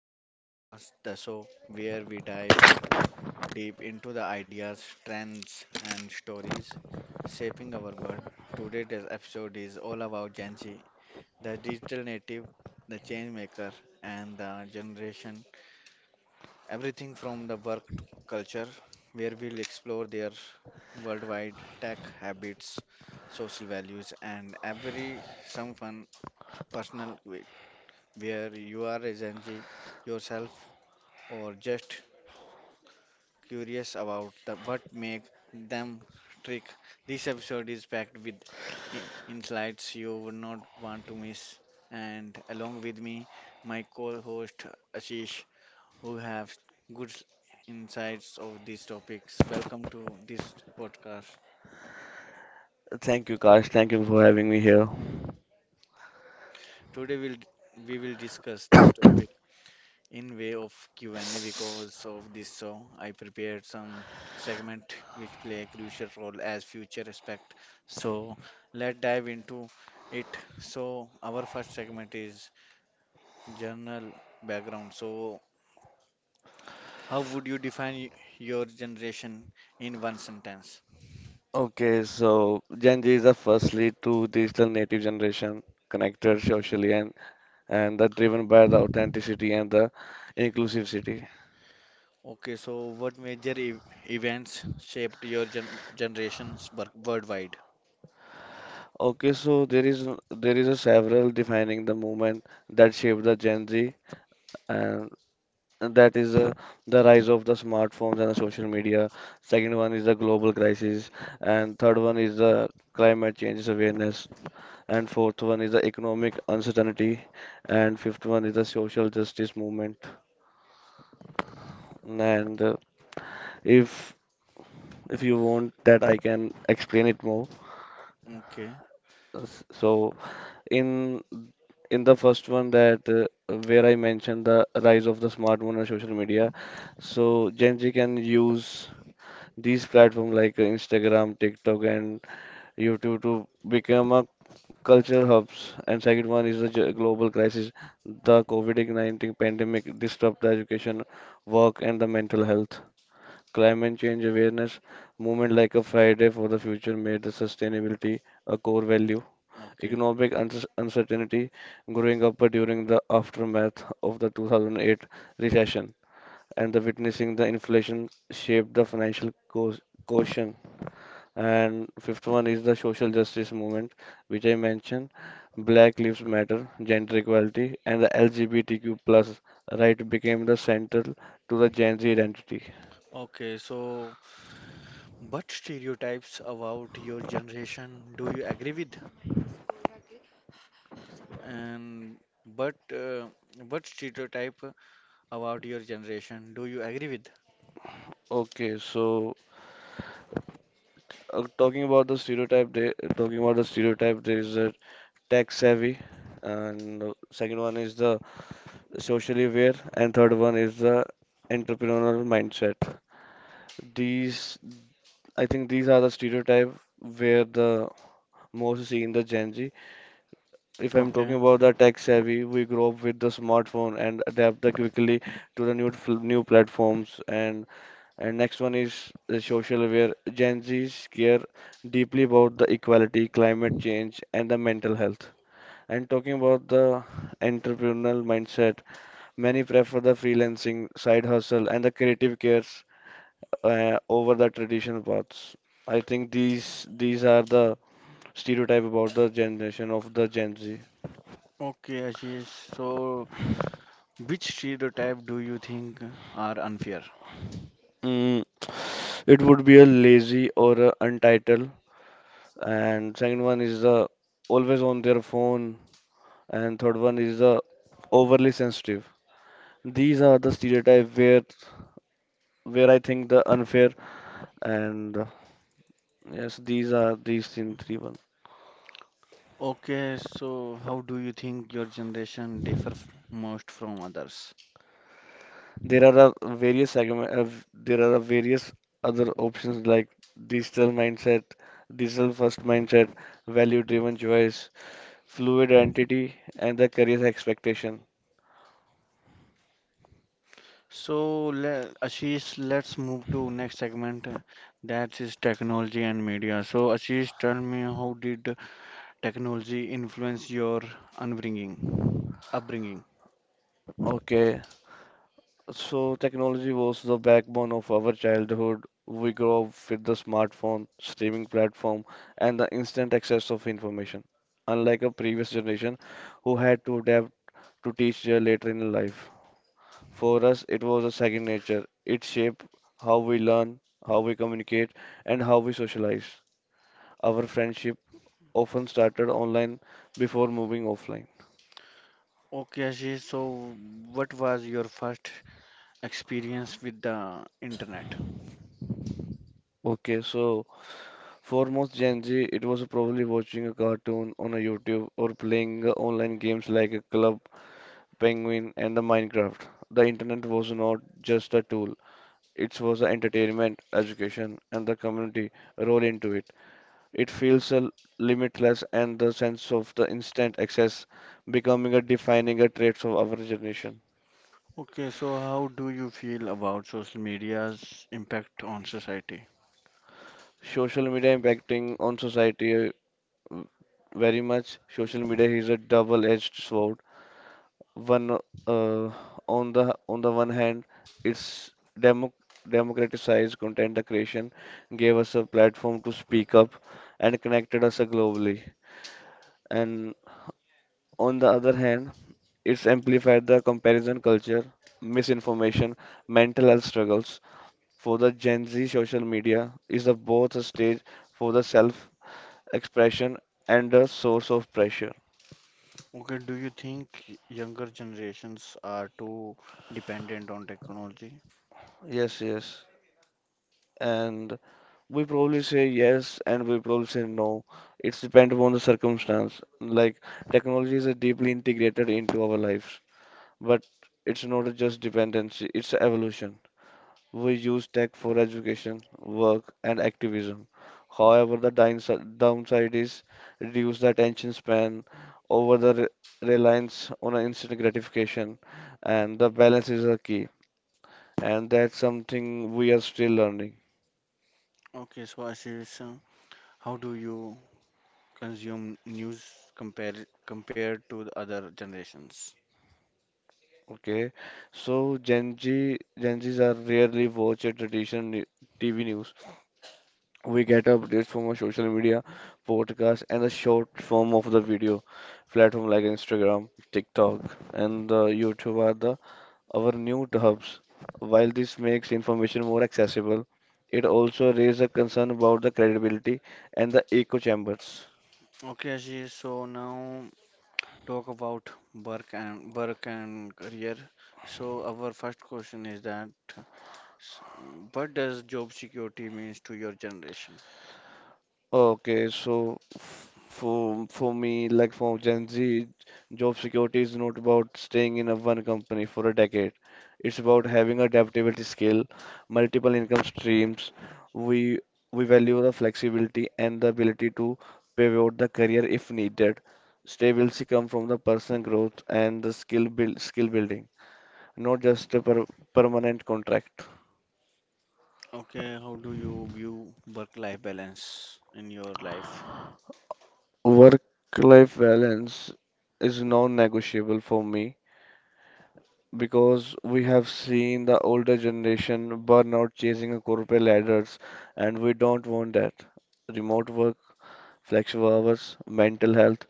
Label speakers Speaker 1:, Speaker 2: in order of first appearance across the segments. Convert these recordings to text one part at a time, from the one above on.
Speaker 1: our new podcast, The Show, where we dive deep into the ideas, trends, and stories shaping our world. Today's episode is all about Gen Z, the digital native, the change maker, and the generation. Everything from the work to culture, where we'll explore their worldwide tech habits, social values, and every some fun personal way, where you are a Gen Z yourself or just curious about the, what make them trick, this episode is packed with insights you would not want to miss. And along with me, my co-host Ashish, who have good insights of these topics. Welcome to this podcast.
Speaker 2: Thank you, Kash. Thank you for having me here.
Speaker 1: Today we will discuss this topic in way of Q&A. Because of this show, I prepared some segment which play a crucial role as future aspect. So let's dive into it. So our first segment is journal background. So how would you define your generation in one sentence?
Speaker 2: Gen Z is a firstly to digital native generation connected socially and that driven by the authenticity and the inclusivity.
Speaker 1: Okay, so what major events shaped your generations worldwide?
Speaker 2: Okay, so there is a several defining the movement that shaped the Gen Z and that is the rise of the smartphones and the social media. Second one is the global crisis and third one is the climate change awareness. And fourth one is the economic uncertainty, and fifth one is the social justice movement. And if if you want that, I can explain it more.
Speaker 1: Okay,
Speaker 2: So in in the first one that where I mentioned the rise of the smartphone and social media, so Gen Z can use these platforms like Instagram, TikTok, and YouTube to become a cultural hubs, and second one is the global crisis. The COVID-19 pandemic disrupt the education, work, and the mental health. Climate change awareness movement like a Friday for the Future made the sustainability a core value.
Speaker 1: okay,
Speaker 2: Economic uncertainty growing up during the aftermath of the 2008 recession and the witnessing the inflation shaped the financial caution and fifth one is the social justice movement, which I mentioned, Black Lives Matter, gender equality, and the LGBTQ plus right became the central to the Gen Z identity.
Speaker 1: okay. So, but stereotypes about your generation, do you agree with? And but What stereotype about your generation, do you agree with?
Speaker 2: Okay, so talking about the stereotype, there is a tech savvy, and second one is the socially aware, and third one is the entrepreneurial mindset. These, I think, these are the stereotype where the most seen the Gen Z. If I'm talking
Speaker 1: Okay,
Speaker 2: about the tech savvy, we grow up with the smartphone and adapt the quickly to the new new platforms. And next one is the social aware. Gen Zs care deeply about the equality, climate change, and the mental health. And talking about the entrepreneurial mindset, many prefer the freelancing, side hustle, and the creative cares over the traditional paths. I think these are the stereotype about the generation of the Gen Z.
Speaker 1: okay, Ashish. So, which stereotype do you think are unfair?
Speaker 2: Mm, it would be a lazy or a untitled, and second one is the always on their phone, and third one is the overly sensitive. These are the stereotype where I think the unfair and yes, these are these in 3-1.
Speaker 1: Okay, so how do you think your generation differ most from others?
Speaker 2: There are a various segment, there are a various other options like digital mindset, digital first mindset, value driven choice, fluid identity, and the career expectation.
Speaker 1: So, le Ashish, let's move to next segment. That is technology and media. So, Ashish, tell me how did technology influence your upbringing? Upbringing.
Speaker 2: Okay, so technology was the backbone of our childhood. We grew up with the smartphone, streaming platform, and the instant access of information, unlike a previous generation who had to adapt to teach their later in life. For us, it was a second nature. It shaped how we learn, how we communicate, and how we socialize. Our friendship often started online before moving offline.
Speaker 1: Okay, Ashish, so what was your first experience with the internet?
Speaker 2: Okay, so for most Gen Z, it was probably watching a cartoon on a YouTube or playing online games like a Club Penguin and the Minecraft. The internet was not just a tool; it was the entertainment, education, and the community role into it. It feels limitless, and the sense of the instant access becoming a defining a trait of our generation.
Speaker 1: Okay, so how do you feel about social media's impact on society?
Speaker 2: Social media impacting on society uh, very much. Social media is a double-edged sword one, uh, on the one hand it's demo democratized content the creation, gave us a platform to speak up and connected us globally, and on the other hand it's amplified the comparison culture, misinformation, mental health struggles. For the Gen Z, social media is a, both a stage for the self expression and a source of pressure.
Speaker 1: Okay, do you think younger generations are too dependent on technology?
Speaker 2: Yes yes and We probably say yes and we probably say no. It's depend upon the circumstance. Like technology is a deeply integrated into our lives, but it's not just dependency, it's evolution. We use tech for education, work, and activism. However, the downside is reduce the attention span over the reliance on a instant gratification, and the balance is a key. And that's something we are still learning.
Speaker 1: Okay, so Ashish, how do you consume news compare compared to the other generations?
Speaker 2: Okay, so Gen Zs are rarely watch a traditional TV news. We get updates from our social media, podcast, and the short form of the video platform like Instagram, TikTok, and YouTube are the our new hubs. While this makes information more accessible, it also raises a concern about the credibility and the echo chambers.
Speaker 1: Okay, Ashish, so now talk about work and career. So our first question is that, s- what does job security means to your generation?
Speaker 2: Okay, so for me, like for Gen Z, job security is not about staying in a one company for a decade. It's about having adaptability skill, multiple income streams. We we value the flexibility and the ability to pivot the career if needed. Stability come from the personal growth and the skill build skill building, not just a permanent contract.
Speaker 1: Okay, how do you view work-life balance in your life?
Speaker 2: Work-life balance is non-negotiable for me, because we have seen the older generation burn out chasing a corporate ladders, and we don't want that. Remote work, flexible hours, mental health,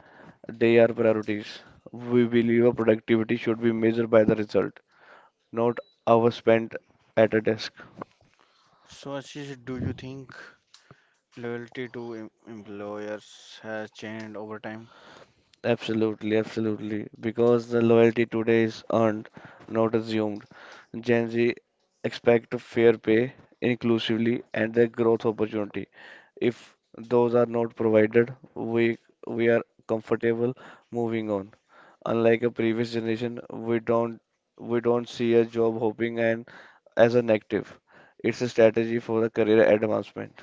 Speaker 2: they are priorities. We believe our productivity should be measured by the result, not hours spent at a desk.
Speaker 1: So Ashish, do you think loyalty to employers has changed over time?
Speaker 2: Absolutely, absolutely. Because the loyalty today is earned, not assumed. Gen Z expect fair pay, inclusively, and the growth opportunity. If those are not provided, we are comfortable moving on. Unlike a previous generation, we don't see a job hopping and as a negative. It's a strategy for a career advancement.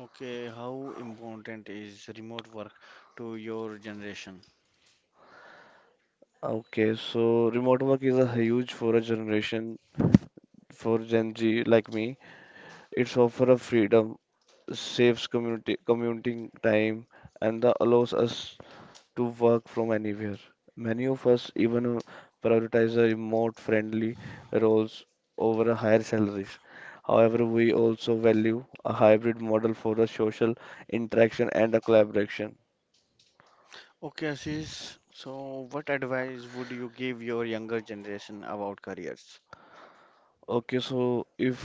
Speaker 1: Okay, how important is remote work to your generation?
Speaker 2: Okay, so remote work is a huge for a generation for Gen Z like me. It's offer a freedom, saves community commuting time and that allows us to work from anywhere. Many of us even prioritize the remote friendly roles over a higher salaries. However, we also value a hybrid model for the social interaction and the collaboration.
Speaker 1: Okay, Ashish, so what advice would you give your younger generation about careers?
Speaker 2: Okay, so if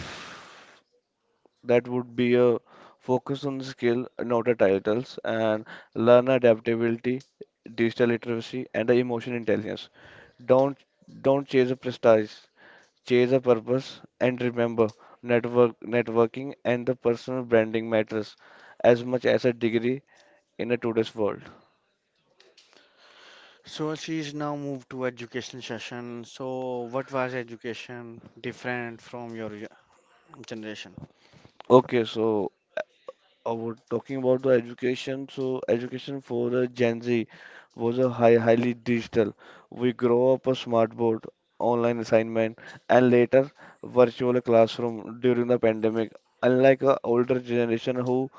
Speaker 2: that would be a focus on skill, not a titles, and learn adaptability, digital literacy, and the emotion intelligence. Don't don't chase a prestige, chase a purpose. And remember, networking and the personal branding matters as much as a degree in a today's world.
Speaker 1: So she's now moved to education session. So what was education different from your generation?
Speaker 2: Okay, so I would talking about the education. So education for the Gen Z was a highly digital. We grow up a smartboard, online assignment, and later virtual classroom during the pandemic. Unlike a older generation who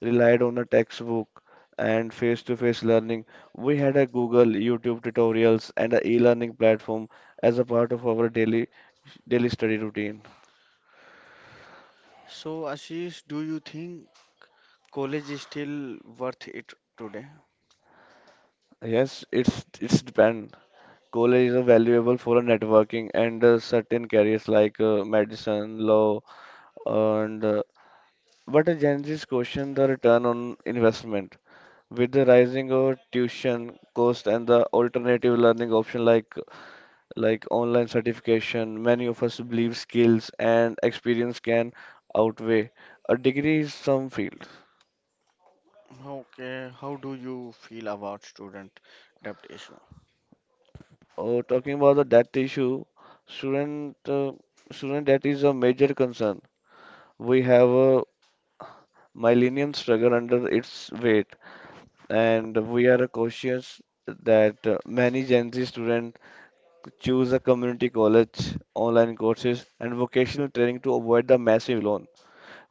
Speaker 2: relied on a textbook and face-to-face learning, we had a Google, YouTube tutorials, and a e-learning platform as a part of our daily study routine.
Speaker 1: So Ashish, do you think college is still worth it today?
Speaker 2: Yes, it's depend. College is a valuable for a networking and certain careers like medicine, law, and but a Gen Z's question the return on investment. With the rising of tuition cost and the alternative learning option like online certification, many of us believe skills and experience can outweigh a degree in some fields.
Speaker 1: Okay, how do you feel about student debt issue?
Speaker 2: Oh, talking about the debt issue, student uh, student debt is a major concern. We have a Millennium struggle under its weight, and we are cautious that many Gen Z students choose a community college, online courses, and vocational training to avoid the massive loan.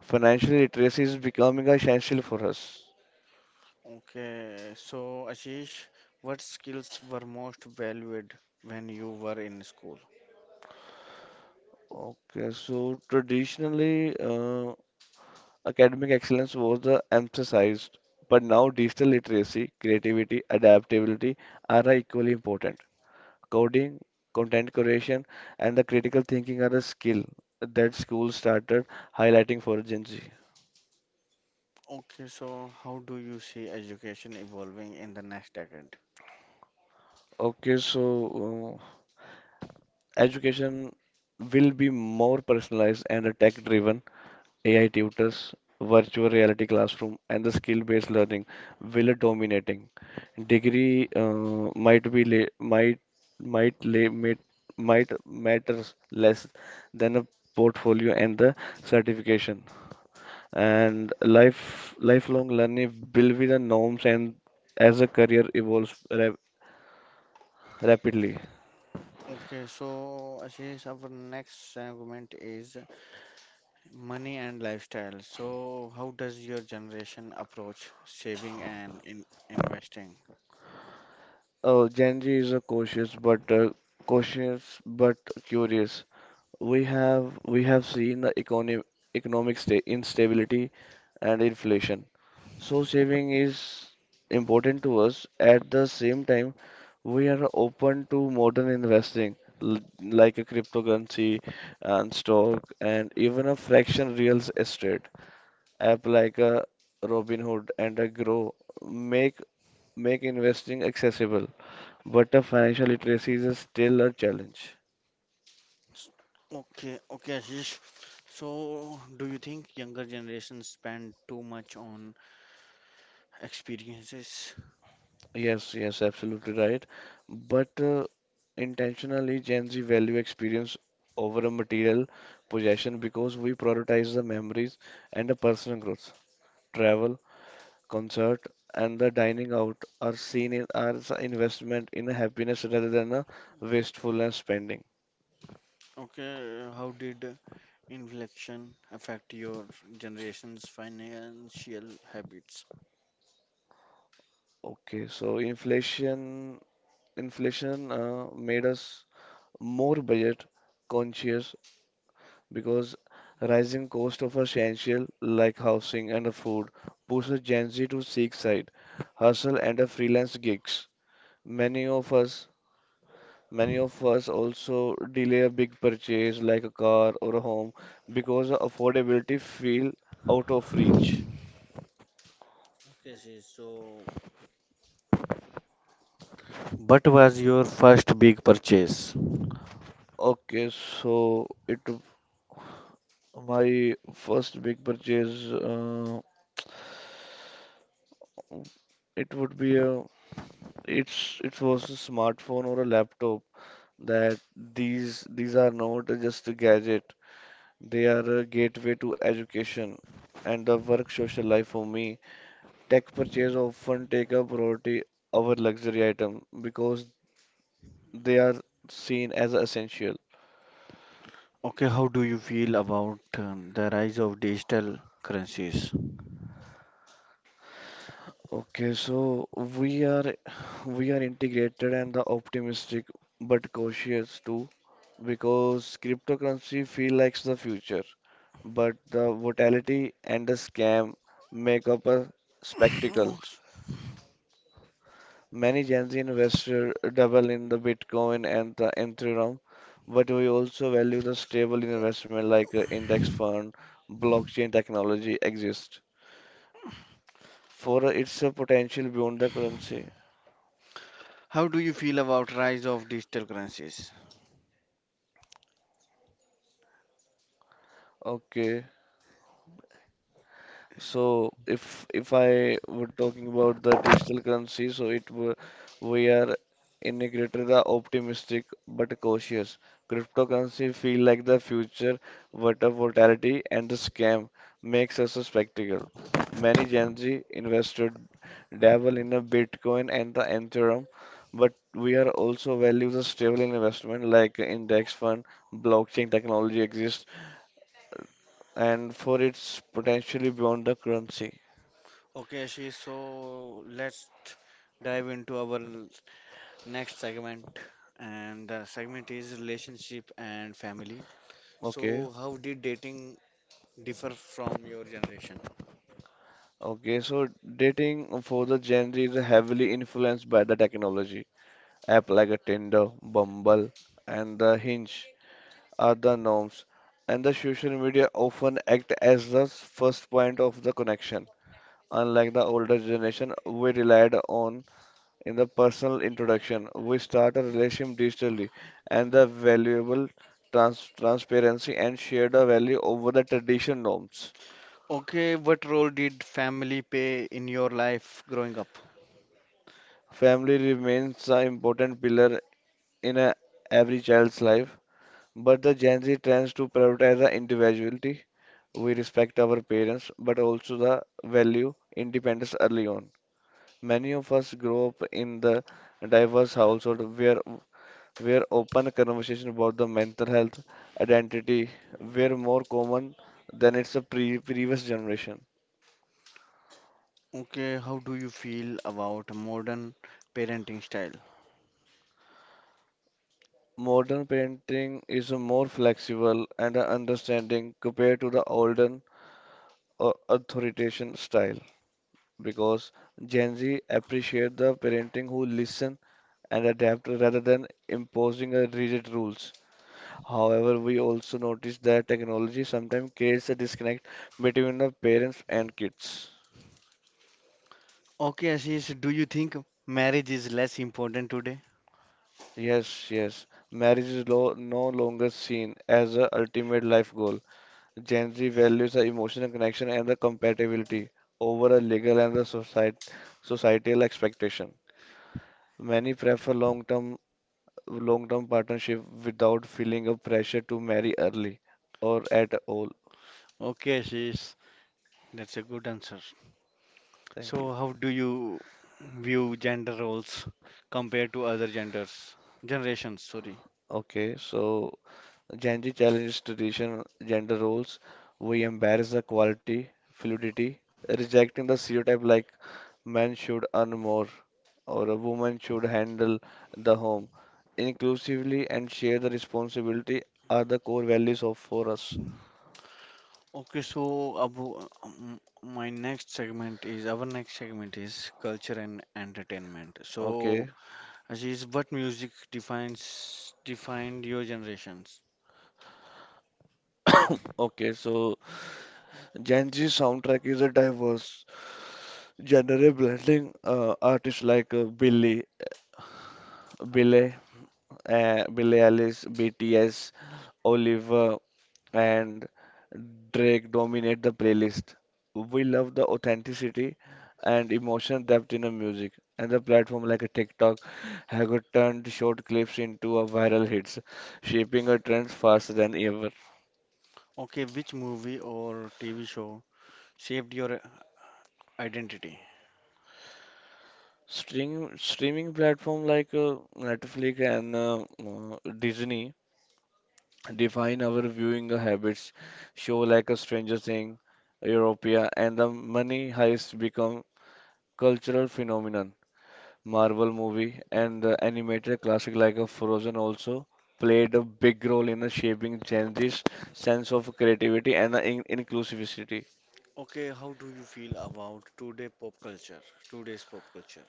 Speaker 2: Financial literacy is becoming essential for us.
Speaker 1: Okay, so Ashish, what skills were most valued when you were in school?
Speaker 2: Okay, so traditionally, academic excellence was the emphasized, but now digital literacy, creativity, adaptability are equally important. Coding, content creation, and the critical thinking are a skill that schools started highlighting for Gen Z.
Speaker 1: Okay, so how do you see education evolving in the next decade?
Speaker 2: Okay, so uh, education will be more personalized and tech-driven. AI tutors, virtual reality classroom, and the skill-based learning will dominating. Degree might be la might lay might matters less than a portfolio and the certification. And lifelong learning will be the norms and as a career evolves rapidly.
Speaker 1: Okay, so Ashish, our next segment is money and lifestyle. So, how does your generation approach saving and in investing?
Speaker 2: Oh, Gen Z is a cautious but curious. We have seen the economic sta instability and inflation. So saving is important to us. At the same time, we are open to modern investing like a cryptocurrency and stock and even a fraction real estate app like a Robinhood and a Grow make make investing accessible. But the financial literacy is still a challenge.
Speaker 1: S- Okay, okay, Ashish. So, do you think younger generations spend too much on experiences?
Speaker 2: Yes, yes, absolutely right. But intentionally, Gen Z value experience over a material possession because we prioritize the memories and the personal growth. Travel, concert, and the dining out are seen in, as an investment in happiness rather than a wastefulness spending.
Speaker 1: Okay, how did inflation affect your generation's financial habits?
Speaker 2: Okay, so inflation made us more budget conscious because rising cost of essential like housing and food pushes Gen Z to seek side hustle and a freelance gigs. Many of us many of us also delay a big purchase like a car or a home because affordability feel out of reach.
Speaker 1: Okay, Ashish, so what was your first big purchase?
Speaker 2: Okay, so it my first big purchase it would be a it's it was a smartphone or a laptop that these are not just a gadget. They are a gateway to education and the work social life for me. Tech purchase often take a priority over luxury item because they are seen as essential.
Speaker 1: Okay, how do you feel about the rise of digital currencies?
Speaker 2: Okay, so we are we are integrated and the optimistic but cautious too because cryptocurrency feel like the future, but the volatility and the scam make up a spectacle. Many Gen Z investors double in the Bitcoin and the Ethereum, but we also value the stable investment like index fund, blockchain technology exists. For its potential beyond the currency.
Speaker 1: How do you feel about rise of digital currencies?
Speaker 2: Okay. So if I were talking about the digital currency, so it were, we are in a greater the optimistic but cautious. Cryptocurrency feel like the future, but the volatility and the scam makes us a spectacle. Many Gen Z investor dabble in a Bitcoin and the Ethereum, but we are also value the stable investment like index fund, blockchain technology exists, and for its potentially beyond the currency.
Speaker 1: Okay, Ashish, so let's dive into our next segment, and the segment is relationship and family.
Speaker 2: Okay,
Speaker 1: So how did dating differ from your generation?
Speaker 2: okay. So dating for the Gen Z is heavily influenced by the technology. App like a Tinder, Bumble, and the Hinge are the norms, and the social media often act as the first point of the connection. Unlike the older generation, we relied on in the personal introduction. We start a relationship digitally, and the valuable transparency and shared value over the traditional norms.
Speaker 1: Okay, what role did family play in your life growing up?
Speaker 2: Family remains an important pillar in a, every child's life, but the Gen Z tends to prioritize the individuality. We respect our parents, but also the value independence early on. Many of us grow up in the diverse household where open conversation about the mental health identity were more common than its a previous generation.
Speaker 1: Okay, how do you feel about modern parenting style?
Speaker 2: Modern parenting is more flexible and understanding compared to the olden authoritarian style. Because Gen Z appreciate the parenting who listen and adapt rather than imposing a rigid rules. However, we also notice that technology sometimes creates a disconnect between the parents and kids.
Speaker 1: Okay, Ashish, do you think marriage is less important today?
Speaker 2: Yes, yes. Marriage is lo no longer seen as a ultimate life goal. Gen Z values the emotional connection and the compatibility over a legal and the societal expectation. Many prefer long-term partnership without feeling a pressure to marry early or at all.
Speaker 1: Okay, Ashish, that's a good answer.
Speaker 2: Thank you.
Speaker 1: So, how do you view gender roles compared to other generations? Sorry.
Speaker 2: Okay, so Gen Z challenges traditional gender roles. We embrace the quality, fluidity, rejecting the stereotype like men should earn more or a woman should handle the home inclusively and share the responsibility are the core values of for us.
Speaker 1: Okay, so abo- my next segment is our next segment is culture and entertainment.
Speaker 2: Okay,
Speaker 1: So, Ashish, what music defines defined your generations?
Speaker 2: okay, so Gen Z soundtrack is a diverse genre blending artists like Billy, Billy Ellis, BTS, Oliver, and Drake dominate the playlist. We love the authenticity and emotion depth in the music, and the platform like a TikTok have turned short clips into a viral hits, shaping a trend faster than ever.
Speaker 1: Okay, which movie or TV show shaped your identity?
Speaker 2: Streaming platform like Netflix and Disney define our viewing habits. Show like a Stranger Thing, Europia, and the Money Heist become cultural phenomenon. Marvel movie and the animated classic like a Frozen also played a big role in shaping Gen Z's sense of creativity and in inclusivity.
Speaker 1: Okay, how do you feel about today pop culture? Today's pop culture.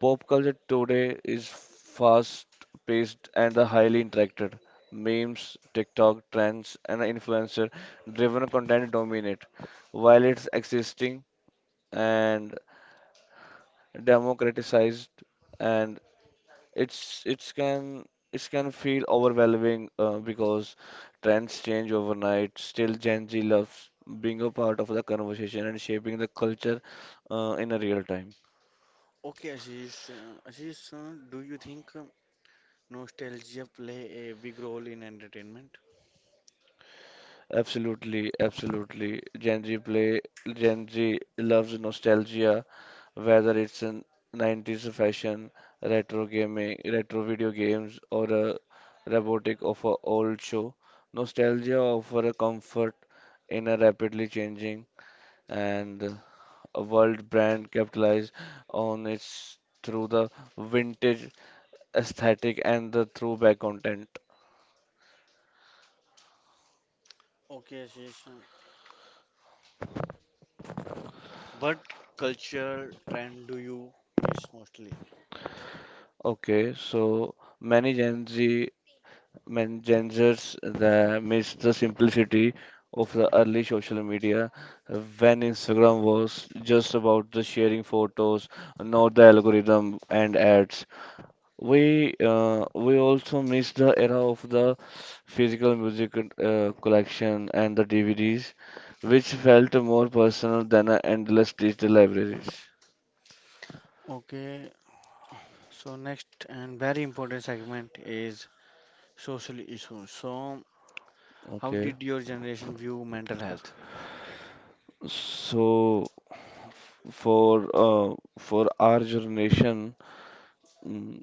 Speaker 2: Pop culture today is fast-paced and highly interacted. Memes, TikTok trends, and influencer-driven content dominate, while it's existing and democratized, and it's can it can feel overwhelming because trends change overnight. Still, Gen Z loves being a part of the conversation and shaping the culture in a real time.
Speaker 1: Okay, Ashish, do you think nostalgia play a big role in entertainment?
Speaker 2: Absolutely, absolutely. Gen Z loves nostalgia, whether it's in 90s fashion, retro video games, or a robotic of a old show. Nostalgia offer a comfort in a rapidly changing and a world brand capitalize on its through the vintage aesthetic and the throwback content.
Speaker 1: Okay, Ashish, but culture trend do you miss mostly?
Speaker 2: Okay, so many Gen Z engenders that myths, the simplicity of the early social media when Instagram was just about the sharing photos, not the algorithm and ads. We also miss the era of the physical music collection and the DVDs, which felt more personal than endless digital libraries.
Speaker 1: Okay, so next and very important segment is social issues. So, how
Speaker 2: Okay,
Speaker 1: did your generation view mental health?
Speaker 2: so for our generation. mm,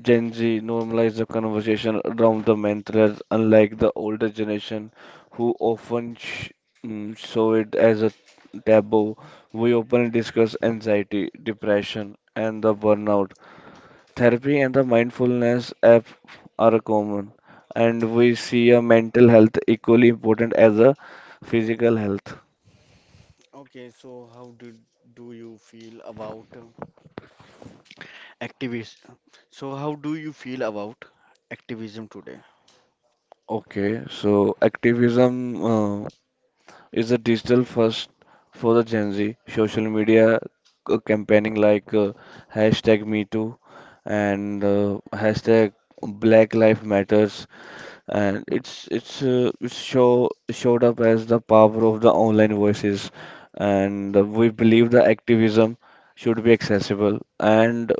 Speaker 2: Gen Z normalized the conversation around the mantras, unlike the older generation who often saw it as a taboo. We openly discuss anxiety, depression, and the burnout. Therapy and the mindfulness app are common, and we see a mental health equally important as a physical health.
Speaker 1: Okay, so how did do you feel about activism? So, how do you feel about activism today?
Speaker 2: Okay, so activism. Is the digital first for the Gen Z. Social media campaigning like hashtag Me Too and hashtag Black Life Matters, and it's show showed up as the power of the online voices, and we believe the activism should be accessible, and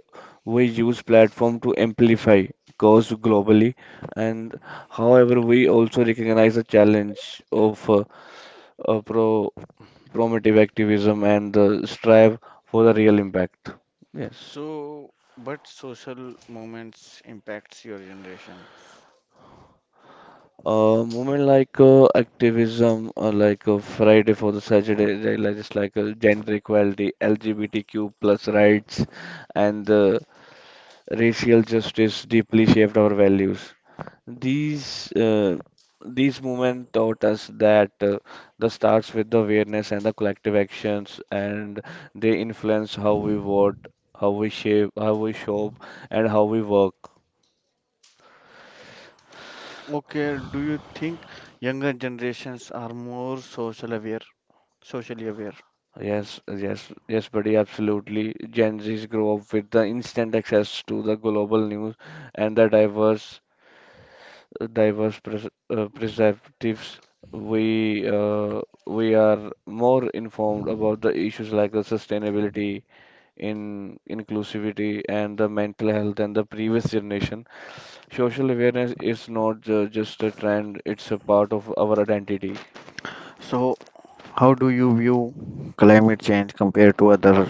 Speaker 2: we use platform to amplify cause globally and however we also recognize the challenge of uh, pro Promotive activism and the strive for the real impact. Yes.
Speaker 1: So, but social movements impacts your generation.
Speaker 2: Movement like like Friday for the Saturday, they like- just like gender equality, LGBTQ plus rights, and racial justice deeply shaped our values. These uh, these movements taught us that the starts with the awareness and the collective actions, and they influence how we vote, how we shop, and how we work.
Speaker 1: Okay, do you think younger generations are more socially aware?
Speaker 2: Yes, yes, yes, buddy, absolutely. Gen Zs grow up with the instant access to the global news and the diverse pres perspectives. We uh, we are more informed about the issues like the sustainability in inclusivity and the mental health and the previous generation. Social awareness is not just a trend, it's a part of our identity.
Speaker 1: So, how do you view climate change compared to other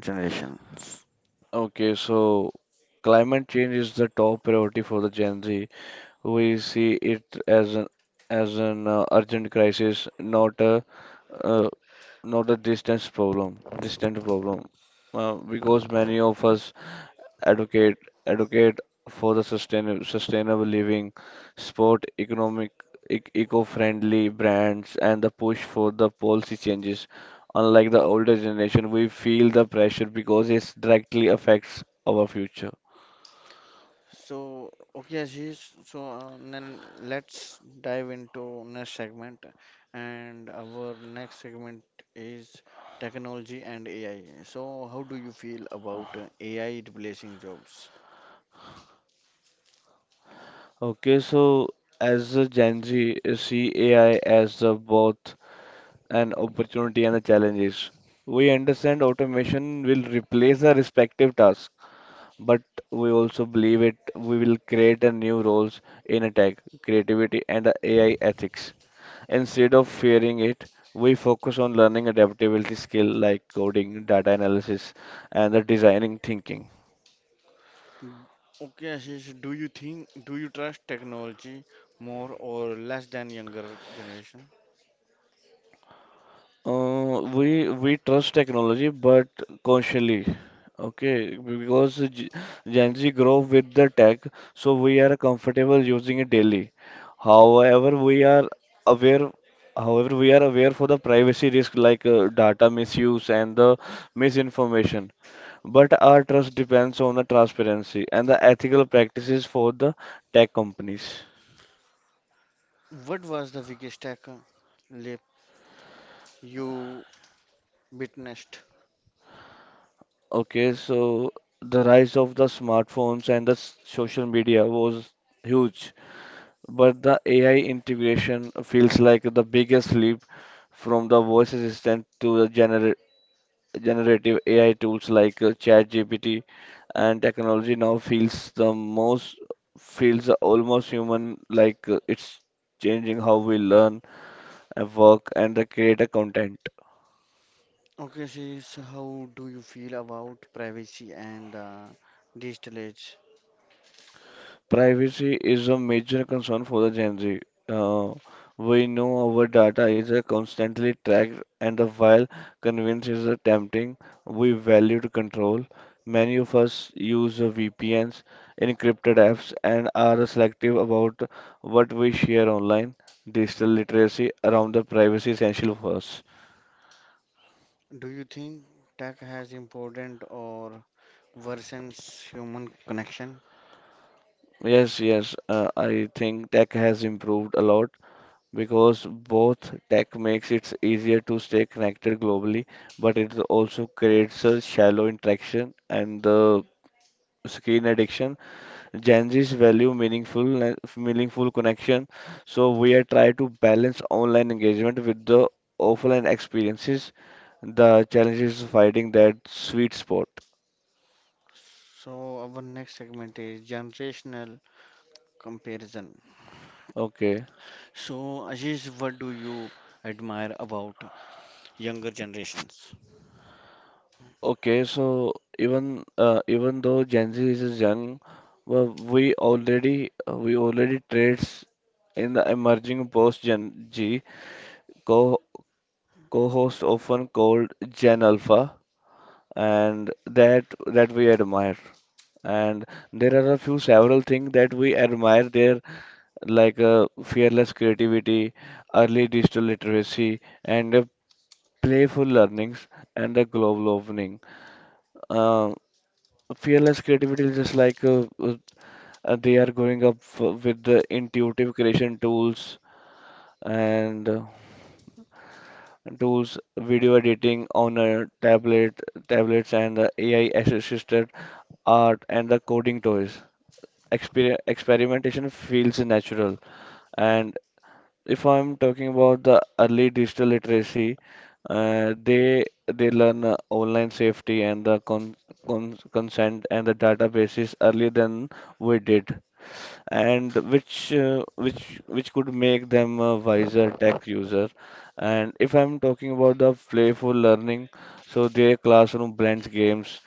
Speaker 1: generations?
Speaker 2: Okay, so climate change is the top priority for the Gen Z. We see it as an urgent crisis, not a uh, distant problem, because many of us advocate advocate for the sustainable living, sport economic eco-friendly brands, and the push for the policy changes. Unlike the older generation, we feel the pressure because it directly affects our future.
Speaker 1: So, okay, Ashish, so then let's dive into next segment. And our next segment is technology and AI. So, how do you feel about AI replacing jobs?
Speaker 2: Okay, so as a Gen Z, see AI as the both an opportunity and a challenges. We understand automation will replace the respective tasks, but we also believe it we will create a new roles in a tech, creativity and a AI ethics. Instead of fearing it, we focus on learning adaptability skill like coding, data analysis, and the designing thinking.
Speaker 1: Mm, okay, Ashish, do you trust technology more or less than younger generation?
Speaker 2: We trust technology, but consciously, okay, because Gen Z grow with the tech, so we are comfortable using it daily. However, we are aware, we are aware for the privacy risk like data misuse and the misinformation. But our trust depends on the transparency and the ethical practices for the tech companies.
Speaker 1: What was the biggest tech leap you witnessed?
Speaker 2: Okay, so the rise of the smartphones and the social media was huge, but the AI integration feels like the biggest leap from the voice assistant to the generative AI tools like ChatGPT and technology now feels the most feels almost human like it's changing how we learn and work and the create a content.
Speaker 1: Okay, Ashish, how do you feel about privacy and digital age?
Speaker 2: Privacy is a major concern for the Gen Z. Uh, we know our data is constantly tracked, and the while convenience is tempting, we value to control. Many of us use VPNs, encrypted apps, and are selective about what we share online. Digital literacy around the privacy is essential for us.
Speaker 1: Do you think tech has important or worsens human connection?
Speaker 2: Yes, yes, I think tech has improved a lot, because both tech makes it easier to stay connected globally, but it also creates a shallow interaction and the screen addiction. Gen Z's value meaningful meaningful connection, so we are trying to balance online engagement with the offline experiences. The challenge is finding that sweet spot.
Speaker 1: So our next segment is generational comparison.
Speaker 2: Okay.
Speaker 1: So Ashish, what do you admire about younger generations?
Speaker 2: Even though Gen Z is young, well, we already traits in the emerging post Gen G co co-host often called Gen Alpha, and that we admire. And there are a few several things that we admire there, like fearless creativity, early digital literacy, and playful learnings and the global opening. Uh, Fearless creativity is just like they are growing up with the intuitive creation tools and video editing on a tablets, and the AI assisted art and the coding toys. Experimentation feels natural, and if I'm talking about the early digital literacy, uh, they they learn online safety and the consent and the databases earlier than we did, and which could make them a wiser tech user. And if I'm talking about the playful learning, so their classroom blends games,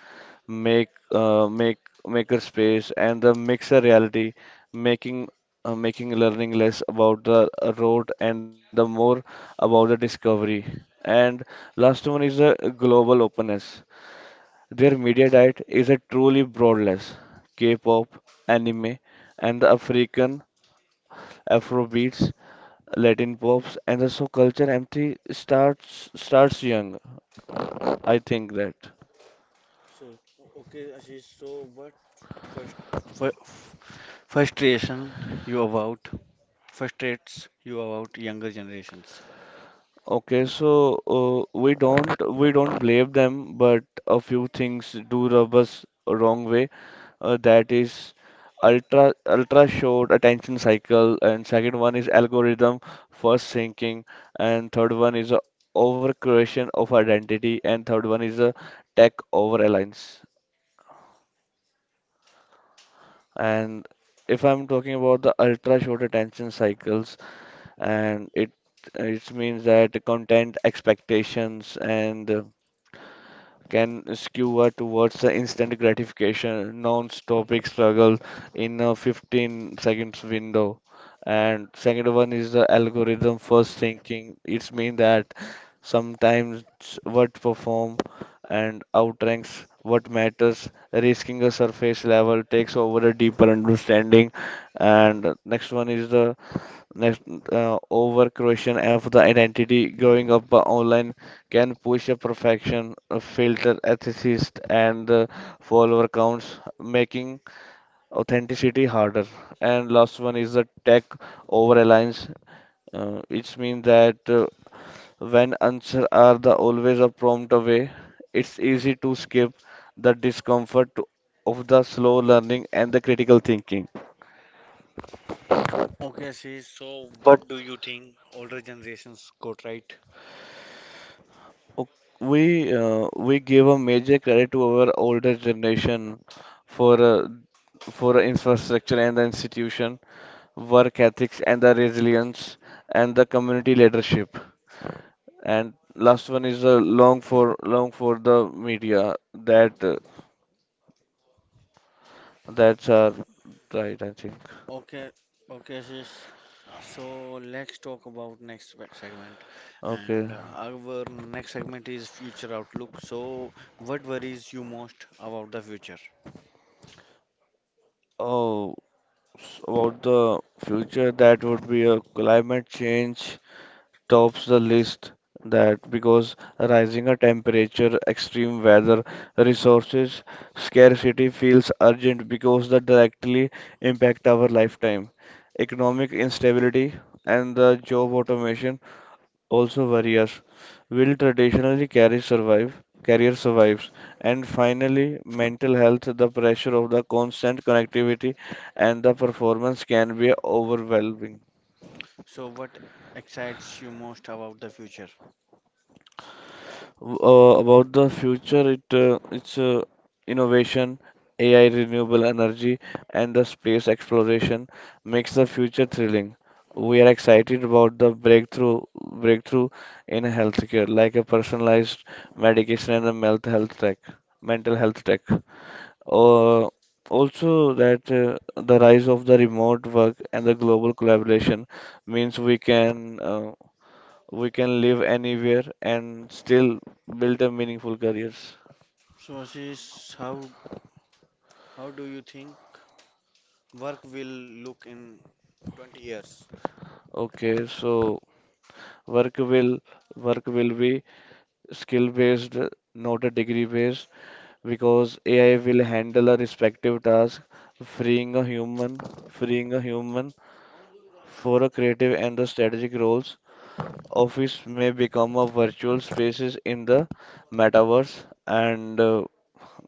Speaker 2: make uh, make maker space and the mixer reality making, making learning less about the road and the more about the discovery. And last one is the global openness. Their media diet is a truly broadless k-pop, anime, and the African afrobeats, latin pops, and the so culture empty starts young, I think that.
Speaker 1: So okay, Ashish, so what first fir- frustration you about frustrates you about younger generations?
Speaker 2: Okay, so we don't blame them, but a few things do rub us wrong way. That is ultra short attention cycle, and second one is algorithm first thinking, and third one is a over creation of identity, and third one is a tech over alliance. And if I'm talking about the ultra short attention cycles, and it means that content expectations and, can skewer towards the instant gratification, non-stopic struggle in a 15 seconds window. And second one is the algorithm first thinking. It's mean that sometimes what perform and outranks what matters, risking a surface level takes over a deeper understanding. And next, over creation of the identity growing up online can push a perfection, a filter, ethicist, and, follower counts, making authenticity harder. And last one is the tech over reliance. It means that, when answers are the always a prompt away, it's easy to skip the discomfort of the slow learning and the critical thinking.
Speaker 1: Okay, sis. So, but what do you think older generations got right?
Speaker 2: O- We we give a major credit to our older generation for, for infrastructure and the institution, work ethics and the resilience and the community leadership. And last one is long for the media. That uh, that's right, I think.
Speaker 1: Okay, okay, sis. So, let's talk about next segment.
Speaker 2: Okay.
Speaker 1: And our next segment is future outlook. So, what worries you most about the future?
Speaker 2: Oh, about the future, that would be a climate change tops the list that because rising a temperature, extreme weather, resources scarcity feels urgent because they directly impact our lifetime. Economic instability and the job automation also worry us. Will traditionally carry survive? Career survives. And finally, mental health, the pressure of the constant connectivity and the performance can be overwhelming.
Speaker 1: So, what excites you most about the future?
Speaker 2: About the future, it's innovation, AI, renewable energy, and the space exploration makes the future thrilling. We are excited about the breakthrough in healthcare, like a personalized medication and a mental health tech. Uh, also, that the rise of the remote work and the global collaboration means we can. We can live anywhere and still build a meaningful careers.
Speaker 1: So, sis, how do you think work will look in 20 years?
Speaker 2: Okay, so work will work will be skill based, not a degree based, because AI will handle a respective task, freeing a human for a creative and the strategic roles. Office may become a virtual spaces in the metaverse, and, uh,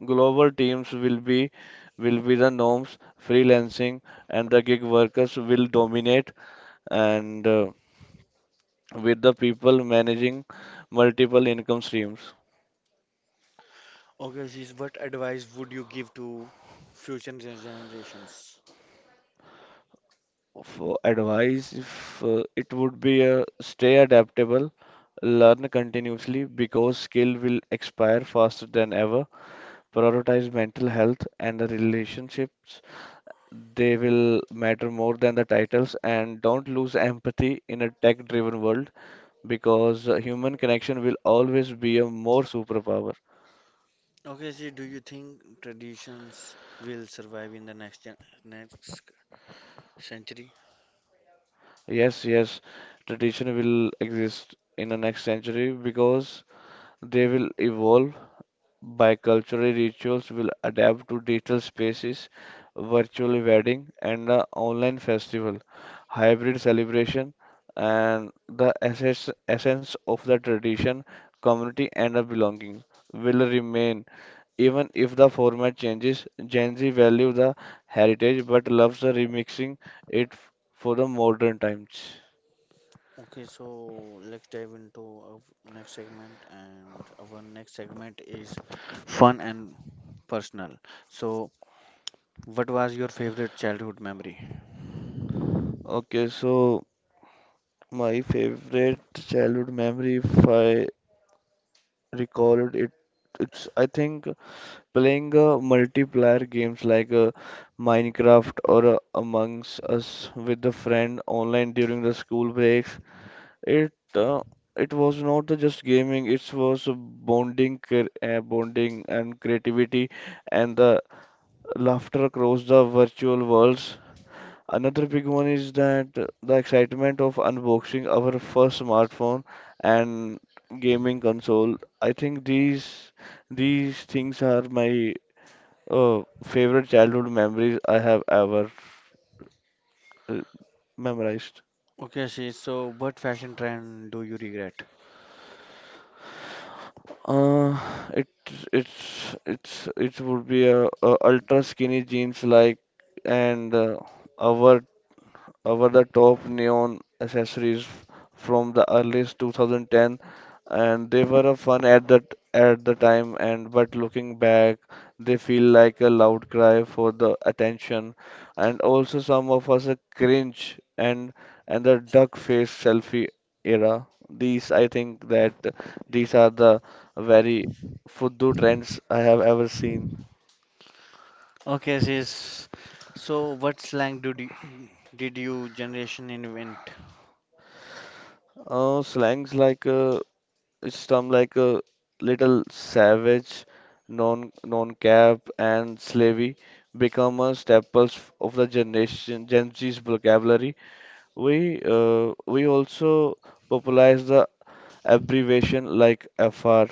Speaker 2: Global teams will be the norms. Freelancing and the gig workers will dominate, and, with the people managing multiple income streams.
Speaker 1: Okay, sis. What advice would you give to future generations?
Speaker 2: For advice, if it would be, stay adaptable, learn continuously because skill will expire faster than ever. Prioritize mental health and the relationships. They will matter more than the titles, and don't lose empathy in a tech driven world because human connection will always be a more superpower.
Speaker 1: Okay, see, do you think traditions will survive in the next next century?
Speaker 2: Yes, yes, tradition will exist in the next century because they will evolve by cultural rituals will adapt to digital spaces, virtual wedding and, online festival, hybrid celebration and the essence of the tradition, community and the belonging will remain. Even if the format changes, Gen Z value the heritage but loves the remixing it for the modern times.
Speaker 1: Okay, so let's dive into our next segment, and our next segment is fun and personal. So, what was your favorite childhood memory?
Speaker 2: Okay, so my favorite childhood memory, if I recall it, it's I think playing multiplayer games like, Minecraft or, Amongst Us with a friend online during the school breaks. It uh, it was not the just gaming. It was a bonding, bonding and creativity, and the laughter across the virtual worlds. Another big one is that the excitement of unboxing our first smartphone and gaming console. I think these things are my, favorite childhood memories I have ever, uh, memorized.
Speaker 1: Okay, see, so what fashion trend do you regret?
Speaker 2: Uh, it it's it would be a ultra skinny jeans like, and, our over the top neon accessories from the earliest 2010, and they were a fun at that at the time, and but looking back they feel like a loud cry for the attention, and also some of us a cringe, and the duck face selfie era. These I think that these are the very fuddu trends I have ever seen.
Speaker 1: Okay, sis. So, what slang did you generation invent?
Speaker 2: Slangs like, some like a little savage, non-cap and slavey become a staples of the generation Gen Z's vocabulary. We, we also popularize the abbreviation like FR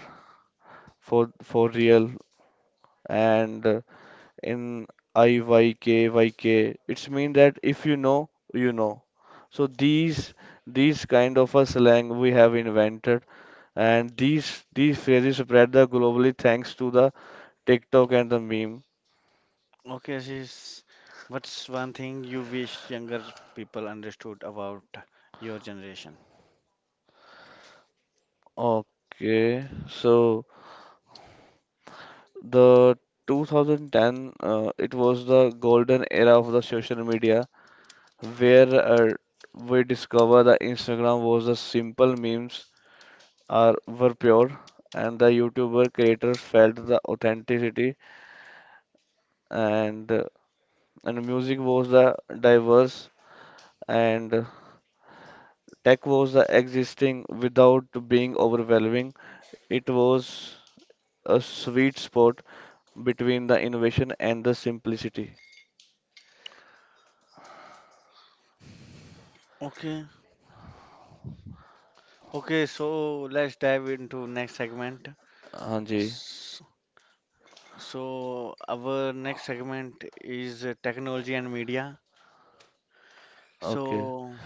Speaker 2: for real, and, in IYKYK. It's mean that if you know, you know. So these kind of a slang we have invented, and these phrases spread the globally thanks to the TikTok and the meme.
Speaker 1: Okay, Ashish, what's one thing you wish younger people understood about your generation?
Speaker 2: Okay, so the 2010, it was the golden era of the social media where, we discover that Instagram was the simple memes are were pure and the YouTuber creators felt the authenticity, and, and music was the diverse, and Tech was the existing without being overwhelming. It was a sweet spot between the innovation and the simplicity.
Speaker 1: Okay, okay, so let's dive into next segment.
Speaker 2: Hanji.
Speaker 1: S- So our next segment is technology and media.
Speaker 2: Okay.
Speaker 1: So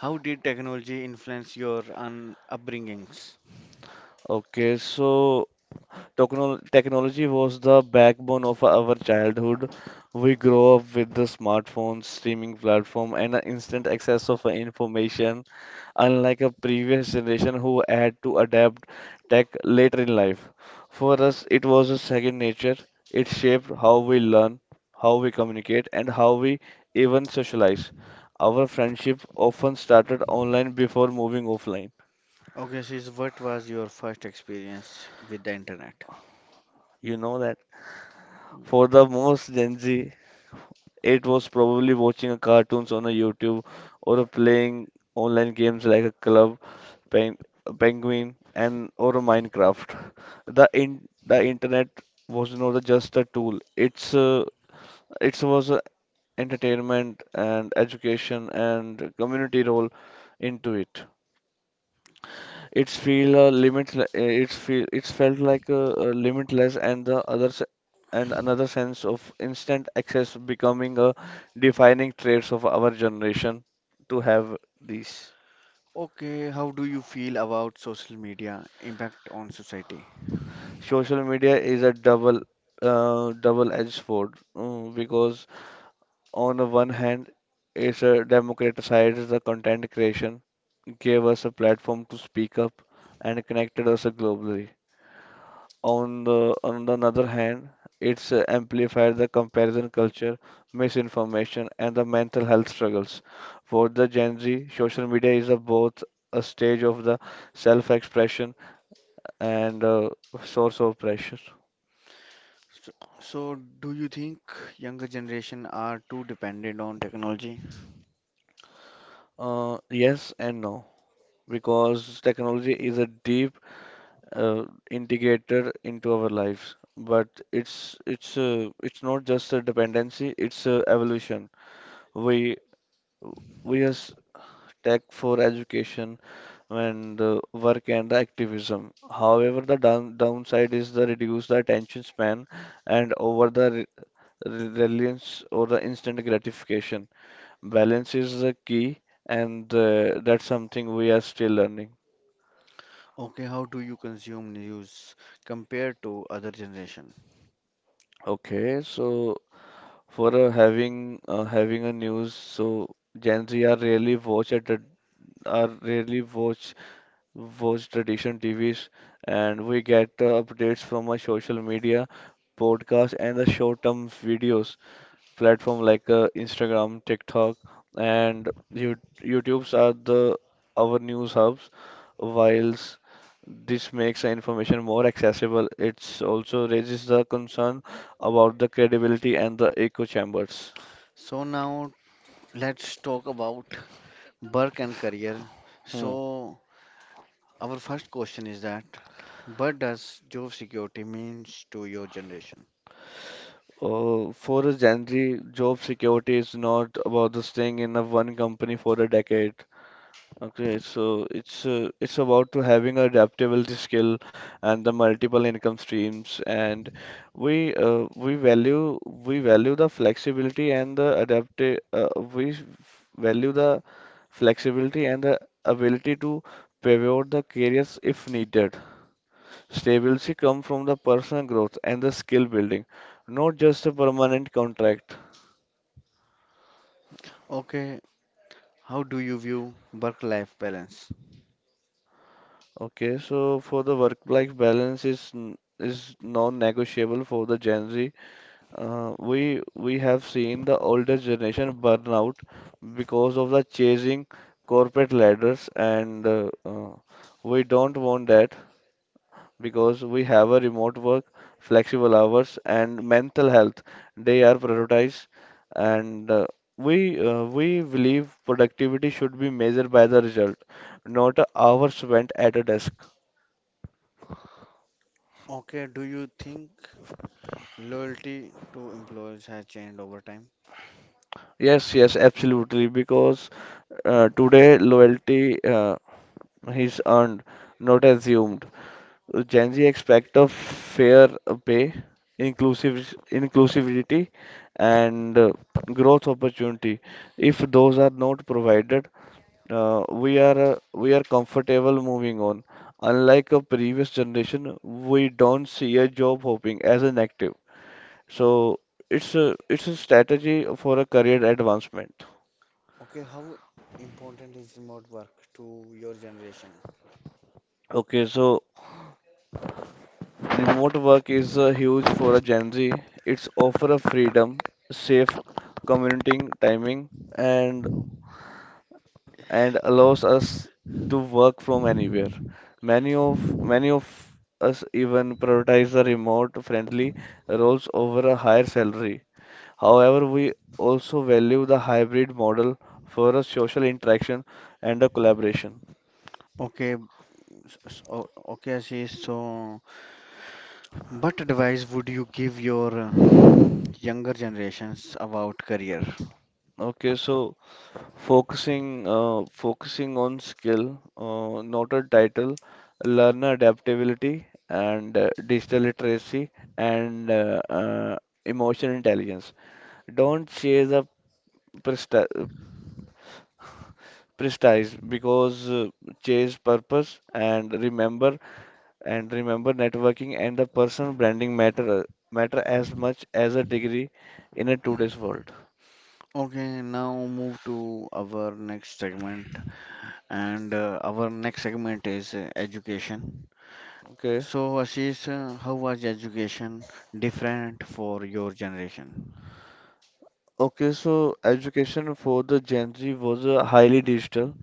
Speaker 1: how did technology influence your un upbringings?
Speaker 2: Okay. So technology was the backbone of our childhood. We grow up with the smartphones, streaming platform, and the instant access of information, unlike a previous generation who had to adapt tech later in life. For us, it was a second nature. It shaped how we learn, how we communicate, and how we even socialize. Our friendship often started online before moving offline.
Speaker 1: Okay, Ashish, what was your first experience with the internet?
Speaker 2: You know that.
Speaker 1: Mm.
Speaker 2: For the most Gen Z, it was probably watching a cartoons on a YouTube or a playing online games like a club, pen, penguin, and or a Minecraft. The internet was not just a tool. It was a entertainment and education and community role into it. It's feel limit. It's feel. It's felt like limitless, and another sense of instant access becoming a defining traits of our generation to have these.
Speaker 1: Okay, how do you feel about social media impact on society?
Speaker 2: Social media is a double-edged sword because on the one hand, it's a democratized the content creation, gave us a platform to speak up, and connected us globally. On the other hand, it's, amplified the comparison culture, misinformation, and the mental health struggles. For the Gen Z, social media is a, both a stage of the self-expression and a source of pressure.
Speaker 1: So, so, do you think younger generation are too dependent on technology?
Speaker 2: Yes and no, because technology is a deep, uh, integrated into our lives, but it's not just a dependency; it's a evolution. We we as tech for education and, work and the activism. However, the downside is the reduce the attention span and over the reliance or the instant gratification. Balance is the key, and, that's something we are still learning.
Speaker 1: Okay, how do you consume news compared to other generation?
Speaker 2: Okay, so for, having a news, so Gen Z are really watch at a, are really watch watch tradition TVs, and we get, updates from our social media, podcasts, and the short-term videos platform like, Instagram, TikTok, and YouTube's are the our news hubs. Whilst this makes the information more accessible, it's also raises the concern about the credibility and the echo chambers.
Speaker 1: So now let's talk about work and career.
Speaker 2: Hmm.
Speaker 1: So our first question is that, what does job security means to your generation?
Speaker 2: For a Gen Z, job security is not about the staying in a one company for a decade. Okay, so it's about to having adaptability skill and the multiple income streams, and we uh, we value we value the flexibility and the adaptive we value the flexibility and the ability to pivot the careers if needed. Stability comes from the personal growth and the skill building, not just a permanent contract.
Speaker 1: Okay, how do you view work-life balance?
Speaker 2: Okay, so for the work-life balance is non-negotiable for the Gen Z. We have seen the older generation burnout because of the chasing corporate ladders, and, we don't want that because we have a remote work, flexible hours, and mental health. They are prioritized, and, we believe productivity should be measured by the result, not a hour spent at a desk.
Speaker 1: Okay, do you think loyalty to employees has changed over time?
Speaker 2: Yes, yes, absolutely. Because, today loyalty, He's earned, not assumed. Gen Z expect a fair pay, inclusive inclusivity, and, growth opportunity. If those are not provided, we are comfortable moving on. Unlike a previous generation, we don't see a job hopping as an active. So it's a strategy for a career advancement.
Speaker 1: Okay, how important is remote work to your generation?
Speaker 2: Okay, so remote work is huge for a Gen Z. It's offer of freedom, safe commuting timing, and allows us to work from anywhere. Many of us even prioritize the remote friendly roles over a higher salary. However, we also value the hybrid model for a social interaction and a collaboration.
Speaker 1: Okay, s- s- o- okay, Ashish. So, what advice would you give your younger generations about career?
Speaker 2: Okay, so focusing on skill, not a title, learner adaptability and, digital literacy and, emotional intelligence. Don't chase a presti- prestige because, chase purpose, and remember networking and the personal branding matter as much as a degree in a today's world.
Speaker 1: Okay, now move to our next segment, and our next segment is education.
Speaker 2: Okay.
Speaker 1: So, Ashish, how was education different for your generation?
Speaker 2: Okay, so education for the Gen Z was highly digital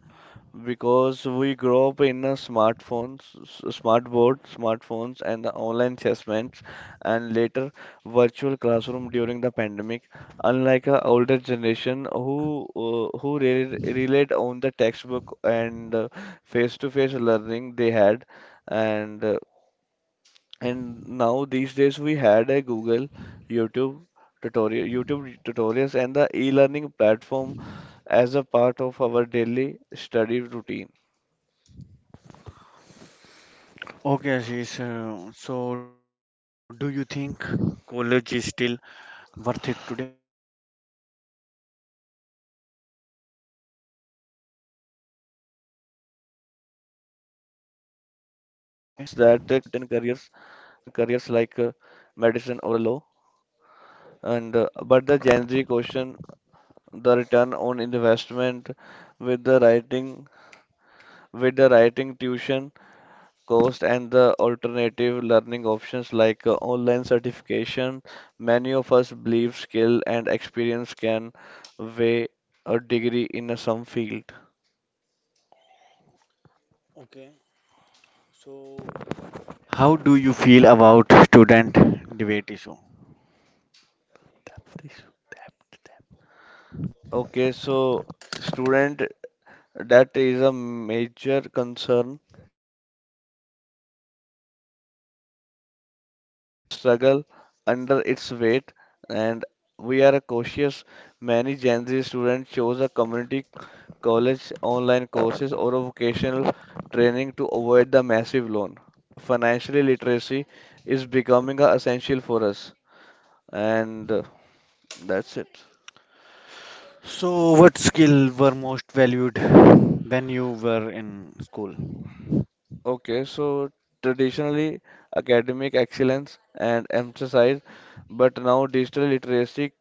Speaker 2: because we grow up in a smartphones, smart board, smartphones, and the online assessments, and later virtual classroom during the pandemic. Unlike a older generation who re relied on the textbook and face-to-face learning they had, and uh, and now these days we had a Google, YouTube tutorial, YouTube tutorials, and the e-learning platform as a part of our daily study routine.
Speaker 1: Okay, Ashish. So, do you think college is still worth it today?
Speaker 2: It depends. It depends that college are valuable for a networking and a certain careers like medicine or a law. And but the Gen Z question, the return on investment with the writing with the writing tuition cost and the alternative learning options like online certification, many of us believe skill and experience can weigh a degree in some field.
Speaker 1: Okay, so how do you feel about student debate issue?
Speaker 2: Okay, so student, that is a major concern, and we have a, we have a struggle under its weight, and we are cautious. Many Gen Z students chose a community college online courses or a vocational training to avoid the massive loan. Financial literacy is becoming a essential for us, and that's it.
Speaker 1: So, what skill were most valued when you were in school?
Speaker 2: Okay, so traditionally academic excellence and emphasis, but now digital literacy,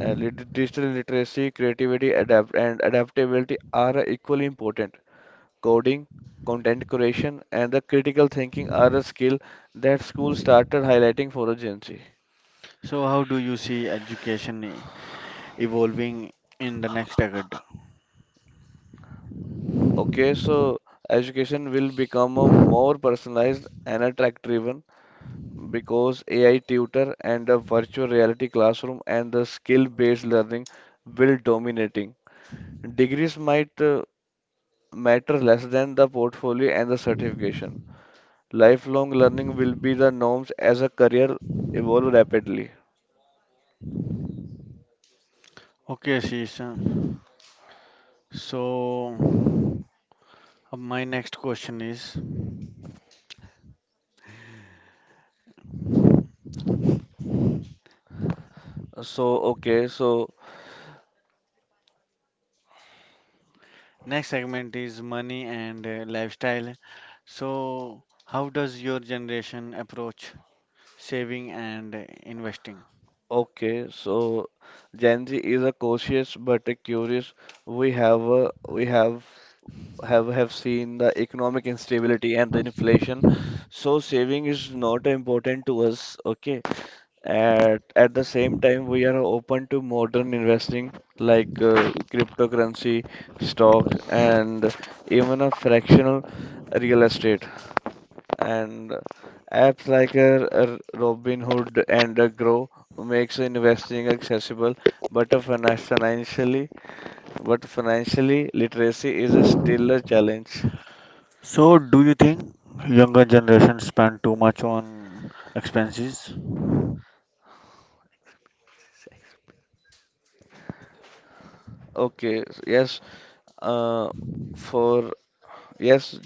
Speaker 2: digital literacy, creativity, adapt and adaptability are equally important. Coding, content creation, and the critical thinking are a skill that schools started highlighting for a Gen Z.
Speaker 1: So, how do you see education evolving in the next decade?
Speaker 2: Okay, so education will become a more personalized and a track-driven because AI tutor and a virtual reality classroom and the skill-based learning will dominating. Degrees might matter less than the portfolio and the certification. Lifelong learning will be the norms as a career evolve rapidly.
Speaker 1: Okay, Ashish. So, my next question is,
Speaker 2: So, okay, so,
Speaker 1: next segment is money and lifestyle. So, how does your generation approach saving and investing?
Speaker 2: okay, so Gen Z is a cautious but a curious. We have a, we have have seen the economic instability and the inflation. So saving is not important to us, okay? At the same time, we are open to modern investing like cryptocurrency, stock, and even a fractional real estate. And apps like Robinhood and Grow makes investing accessible, but a finan- financially but financially literacy is a still a challenge.
Speaker 1: So, do you think younger generation spend too much on expenses?
Speaker 2: Okay, yes, uh, for yes,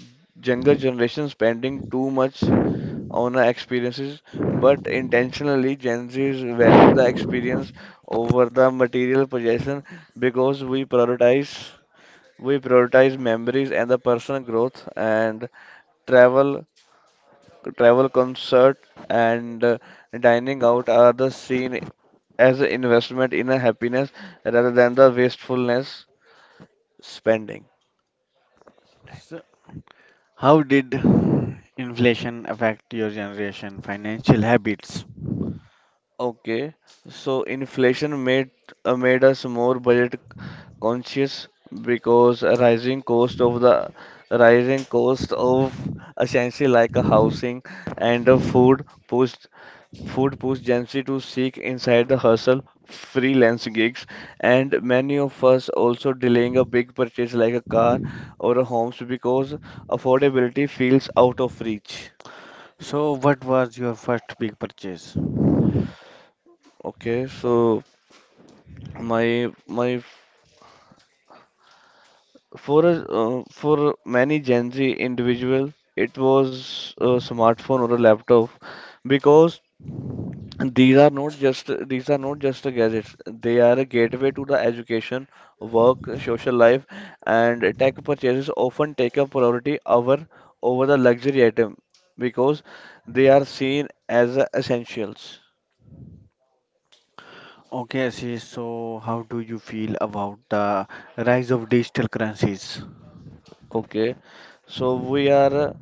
Speaker 2: younger generation spending too much on our experiences, but intentionally Gen Zs value the experience over the material possession because we prioritize memories and the personal growth and travel travel concert and dining out are the seen as an investment in a happiness rather than the wastefulness spending.
Speaker 1: So, how did inflation affect your generation financial habits?
Speaker 2: Okay, so inflation made made us more budget conscious because a rising cost of the rising cost of essentially like a housing and a food pushed Gen Z to seek inside the hustle freelance gigs and many of us also delaying a big purchase like a car or a homes because affordability feels out of reach.
Speaker 1: So, what was your first big purchase?
Speaker 2: Okay, so my For a, for many Gen Z individual, it was a smartphone or a laptop because these are not just a gadgets. They are a gateway to the education, work, social life, and tech purchases often take a priority over the luxury item because they are seen as essentials.
Speaker 1: Okay, Ashish, so how do you feel about the rise of digital currencies?
Speaker 2: Okay, so we are.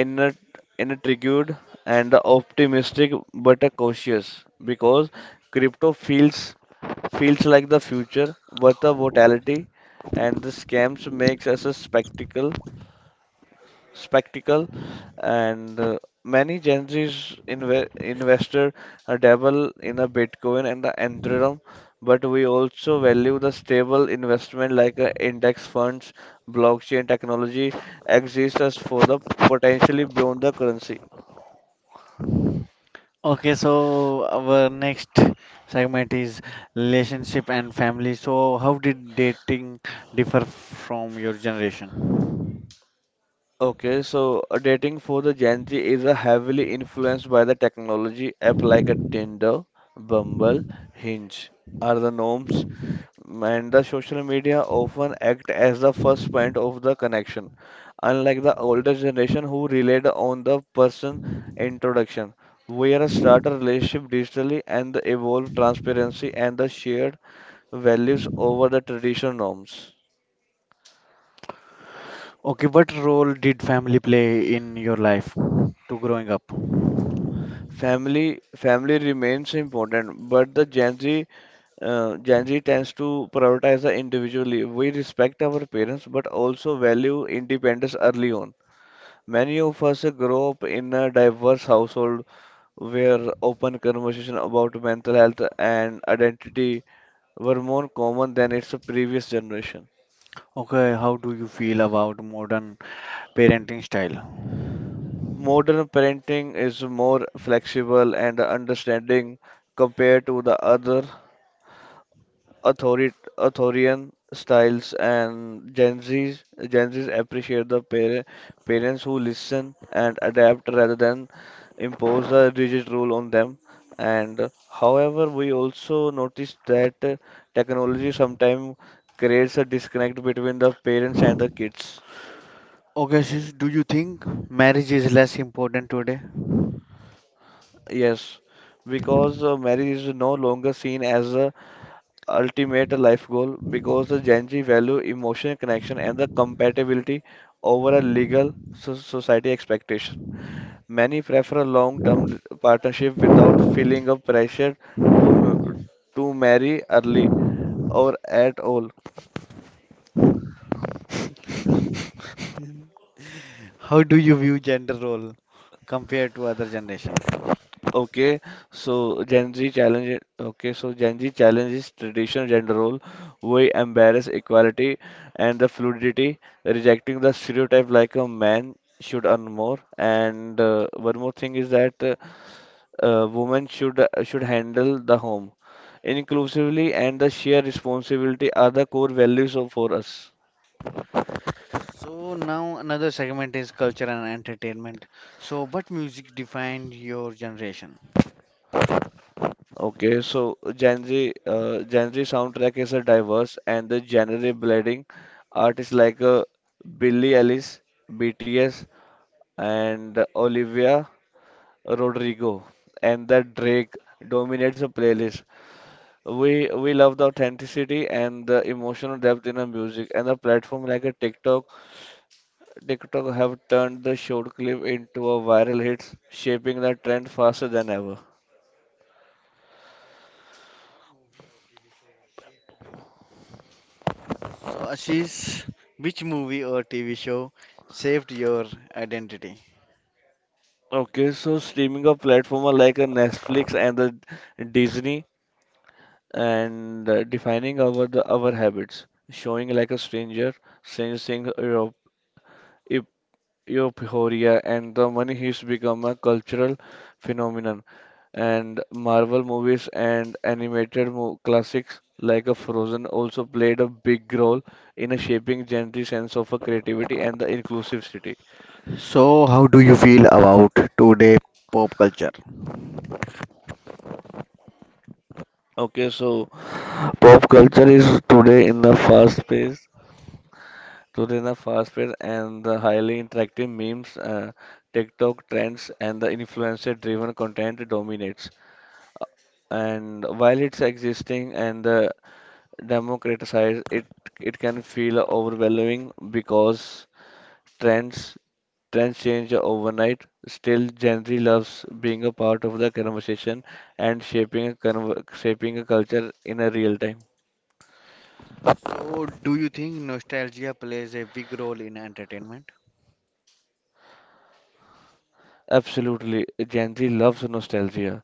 Speaker 2: inner- intrigued and optimistic but cautious because crypto feels feels like the future, but the volatility and the scams makes us a spectacle and many Gen Z's investor dabble in a Bitcoin and the Ethereum, but we also value the stable investment like index funds, blockchain technology exist as for the potentially beyond the currency.
Speaker 1: Okay, so our next segment is relationship and family. So, how did dating differ from your generation?
Speaker 2: Okay, so dating for the Gen Z is heavily influenced by the technology. App like a Tinder, Bumble, Hinge are the norms, and the social media often act as the first point of the connection. Unlike the older generation who relied on the person introduction, we are start a relationship digitally and evolve transparency and the shared values over the traditional norms.
Speaker 1: Okay, what role did family play in your life to growing up?
Speaker 2: Family remains important, but the Gen Z Gen Z tends to prioritize the individually. We respect our parents, but also value independence early on. Many of us grow up in a diverse household where open conversation about mental health and identity were more common than its previous generation.
Speaker 1: Okay, how do you feel about modern parenting style?
Speaker 2: Modern parenting is more flexible and understanding compared to the other authoritarian styles and Gen Z's appreciate the parents who listen and adapt rather than impose a rigid rule on them. And However, we also notice that technology sometimes creates a disconnect between the parents and the kids.
Speaker 1: Okay, sis, do you think marriage is less important today?
Speaker 2: Yes, because marriage is no longer seen as a ultimate life goal because the Gen Z value emotional connection and the compatibility over a legal society expectation. Many prefer a long-term partnership without feeling of pressure to m- to marry early or at all.
Speaker 1: How do you view gender role compared to other generations?
Speaker 2: Okay, Okay, so Gen Z challenges traditional gender role. We embrace equality and the fluidity, rejecting the stereotype like a man should earn more. And one more thing is that women should handle the home inclusively, and the shared responsibility are the core values of, for us.
Speaker 1: So now another segment is culture and entertainment. So what music defined your generation?
Speaker 2: Okay, so Gen Z soundtrack is a diverse and the genre blending artists like Billie Eilish, BTS, and Olivia Rodrigo, and the Drake dominates the playlist. We love the authenticity and the emotional depth in the music, and a platform like a TikTok have turned the short clip into a viral hit, shaping the trend faster than ever.
Speaker 1: So Ashish, which movie or TV show shaped your identity?
Speaker 2: Okay, so streaming of platform are like a Netflix and the Disney and defining our the, our habits, showing like Stranger Things, Eu- Euphoria, and the money heist become a cultural phenomenon. And Marvel movies and animated mo classics like a Frozen also played a big role in a shaping gentle sense of a creativity and the inclusive city.
Speaker 1: So, how do you feel about today pop culture?
Speaker 2: Okay, so pop culture is today in a fast pace. Today, the fast paced and the highly interactive memes, TikTok trends, and the influencer driven content dominates. And while it's existing and the democratized, it can feel overwhelming because trends trends change overnight. Still, Gen Z loves being a part of the conversation and shaping a culture in a real time.
Speaker 1: So, do you think nostalgia plays a big role in entertainment?
Speaker 2: Absolutely, Gen Z loves nostalgia,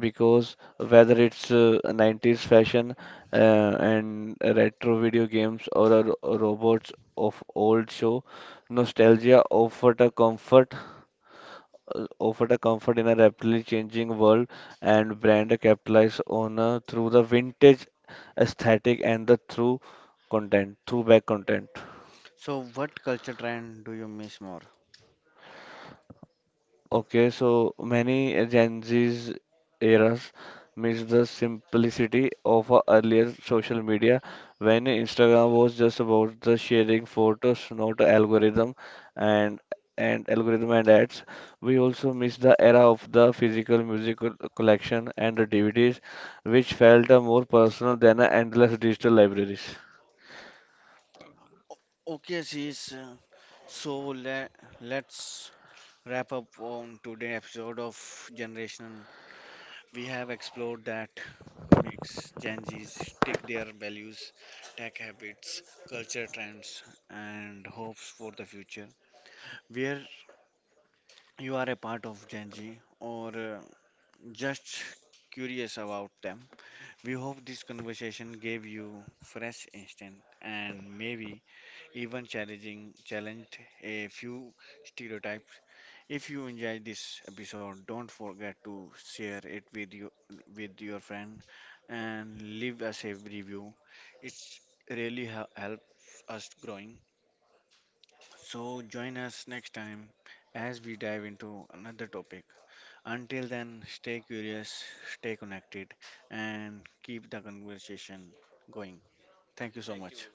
Speaker 2: because whether it's 90s fashion uh, and retro video games or a, robots of old show, nostalgia offered a comfort in a rapidly changing world and brand capitalized on through the vintage aesthetic and throwback content.
Speaker 1: So, what culture trend do you miss more?
Speaker 2: Okay, so many Gen Z's eras miss the simplicity of a earlier social media when Instagram was just about the sharing photos, not algorithm and algorithm and ads. We also miss the era of the physical music collection and the DVDs, which felt more personal than endless digital libraries.
Speaker 1: Okay, sis. So, let's wrap up on today's episode of Generation. We have explored that makes Gen Zs stick their values, tech habits, culture trends, and hopes for the future. Where you are a part of Gen Z or just curious about them. We hope this conversation gave you fresh instant and maybe even challenging challenged a few stereotypes. If you enjoyed this episode, don't forget to share it with you with your friend and leave us a review. It's really helps us growing. So join us next time as we dive into another topic. Until then, stay curious, stay connected, and keep the conversation going. Thank you so much.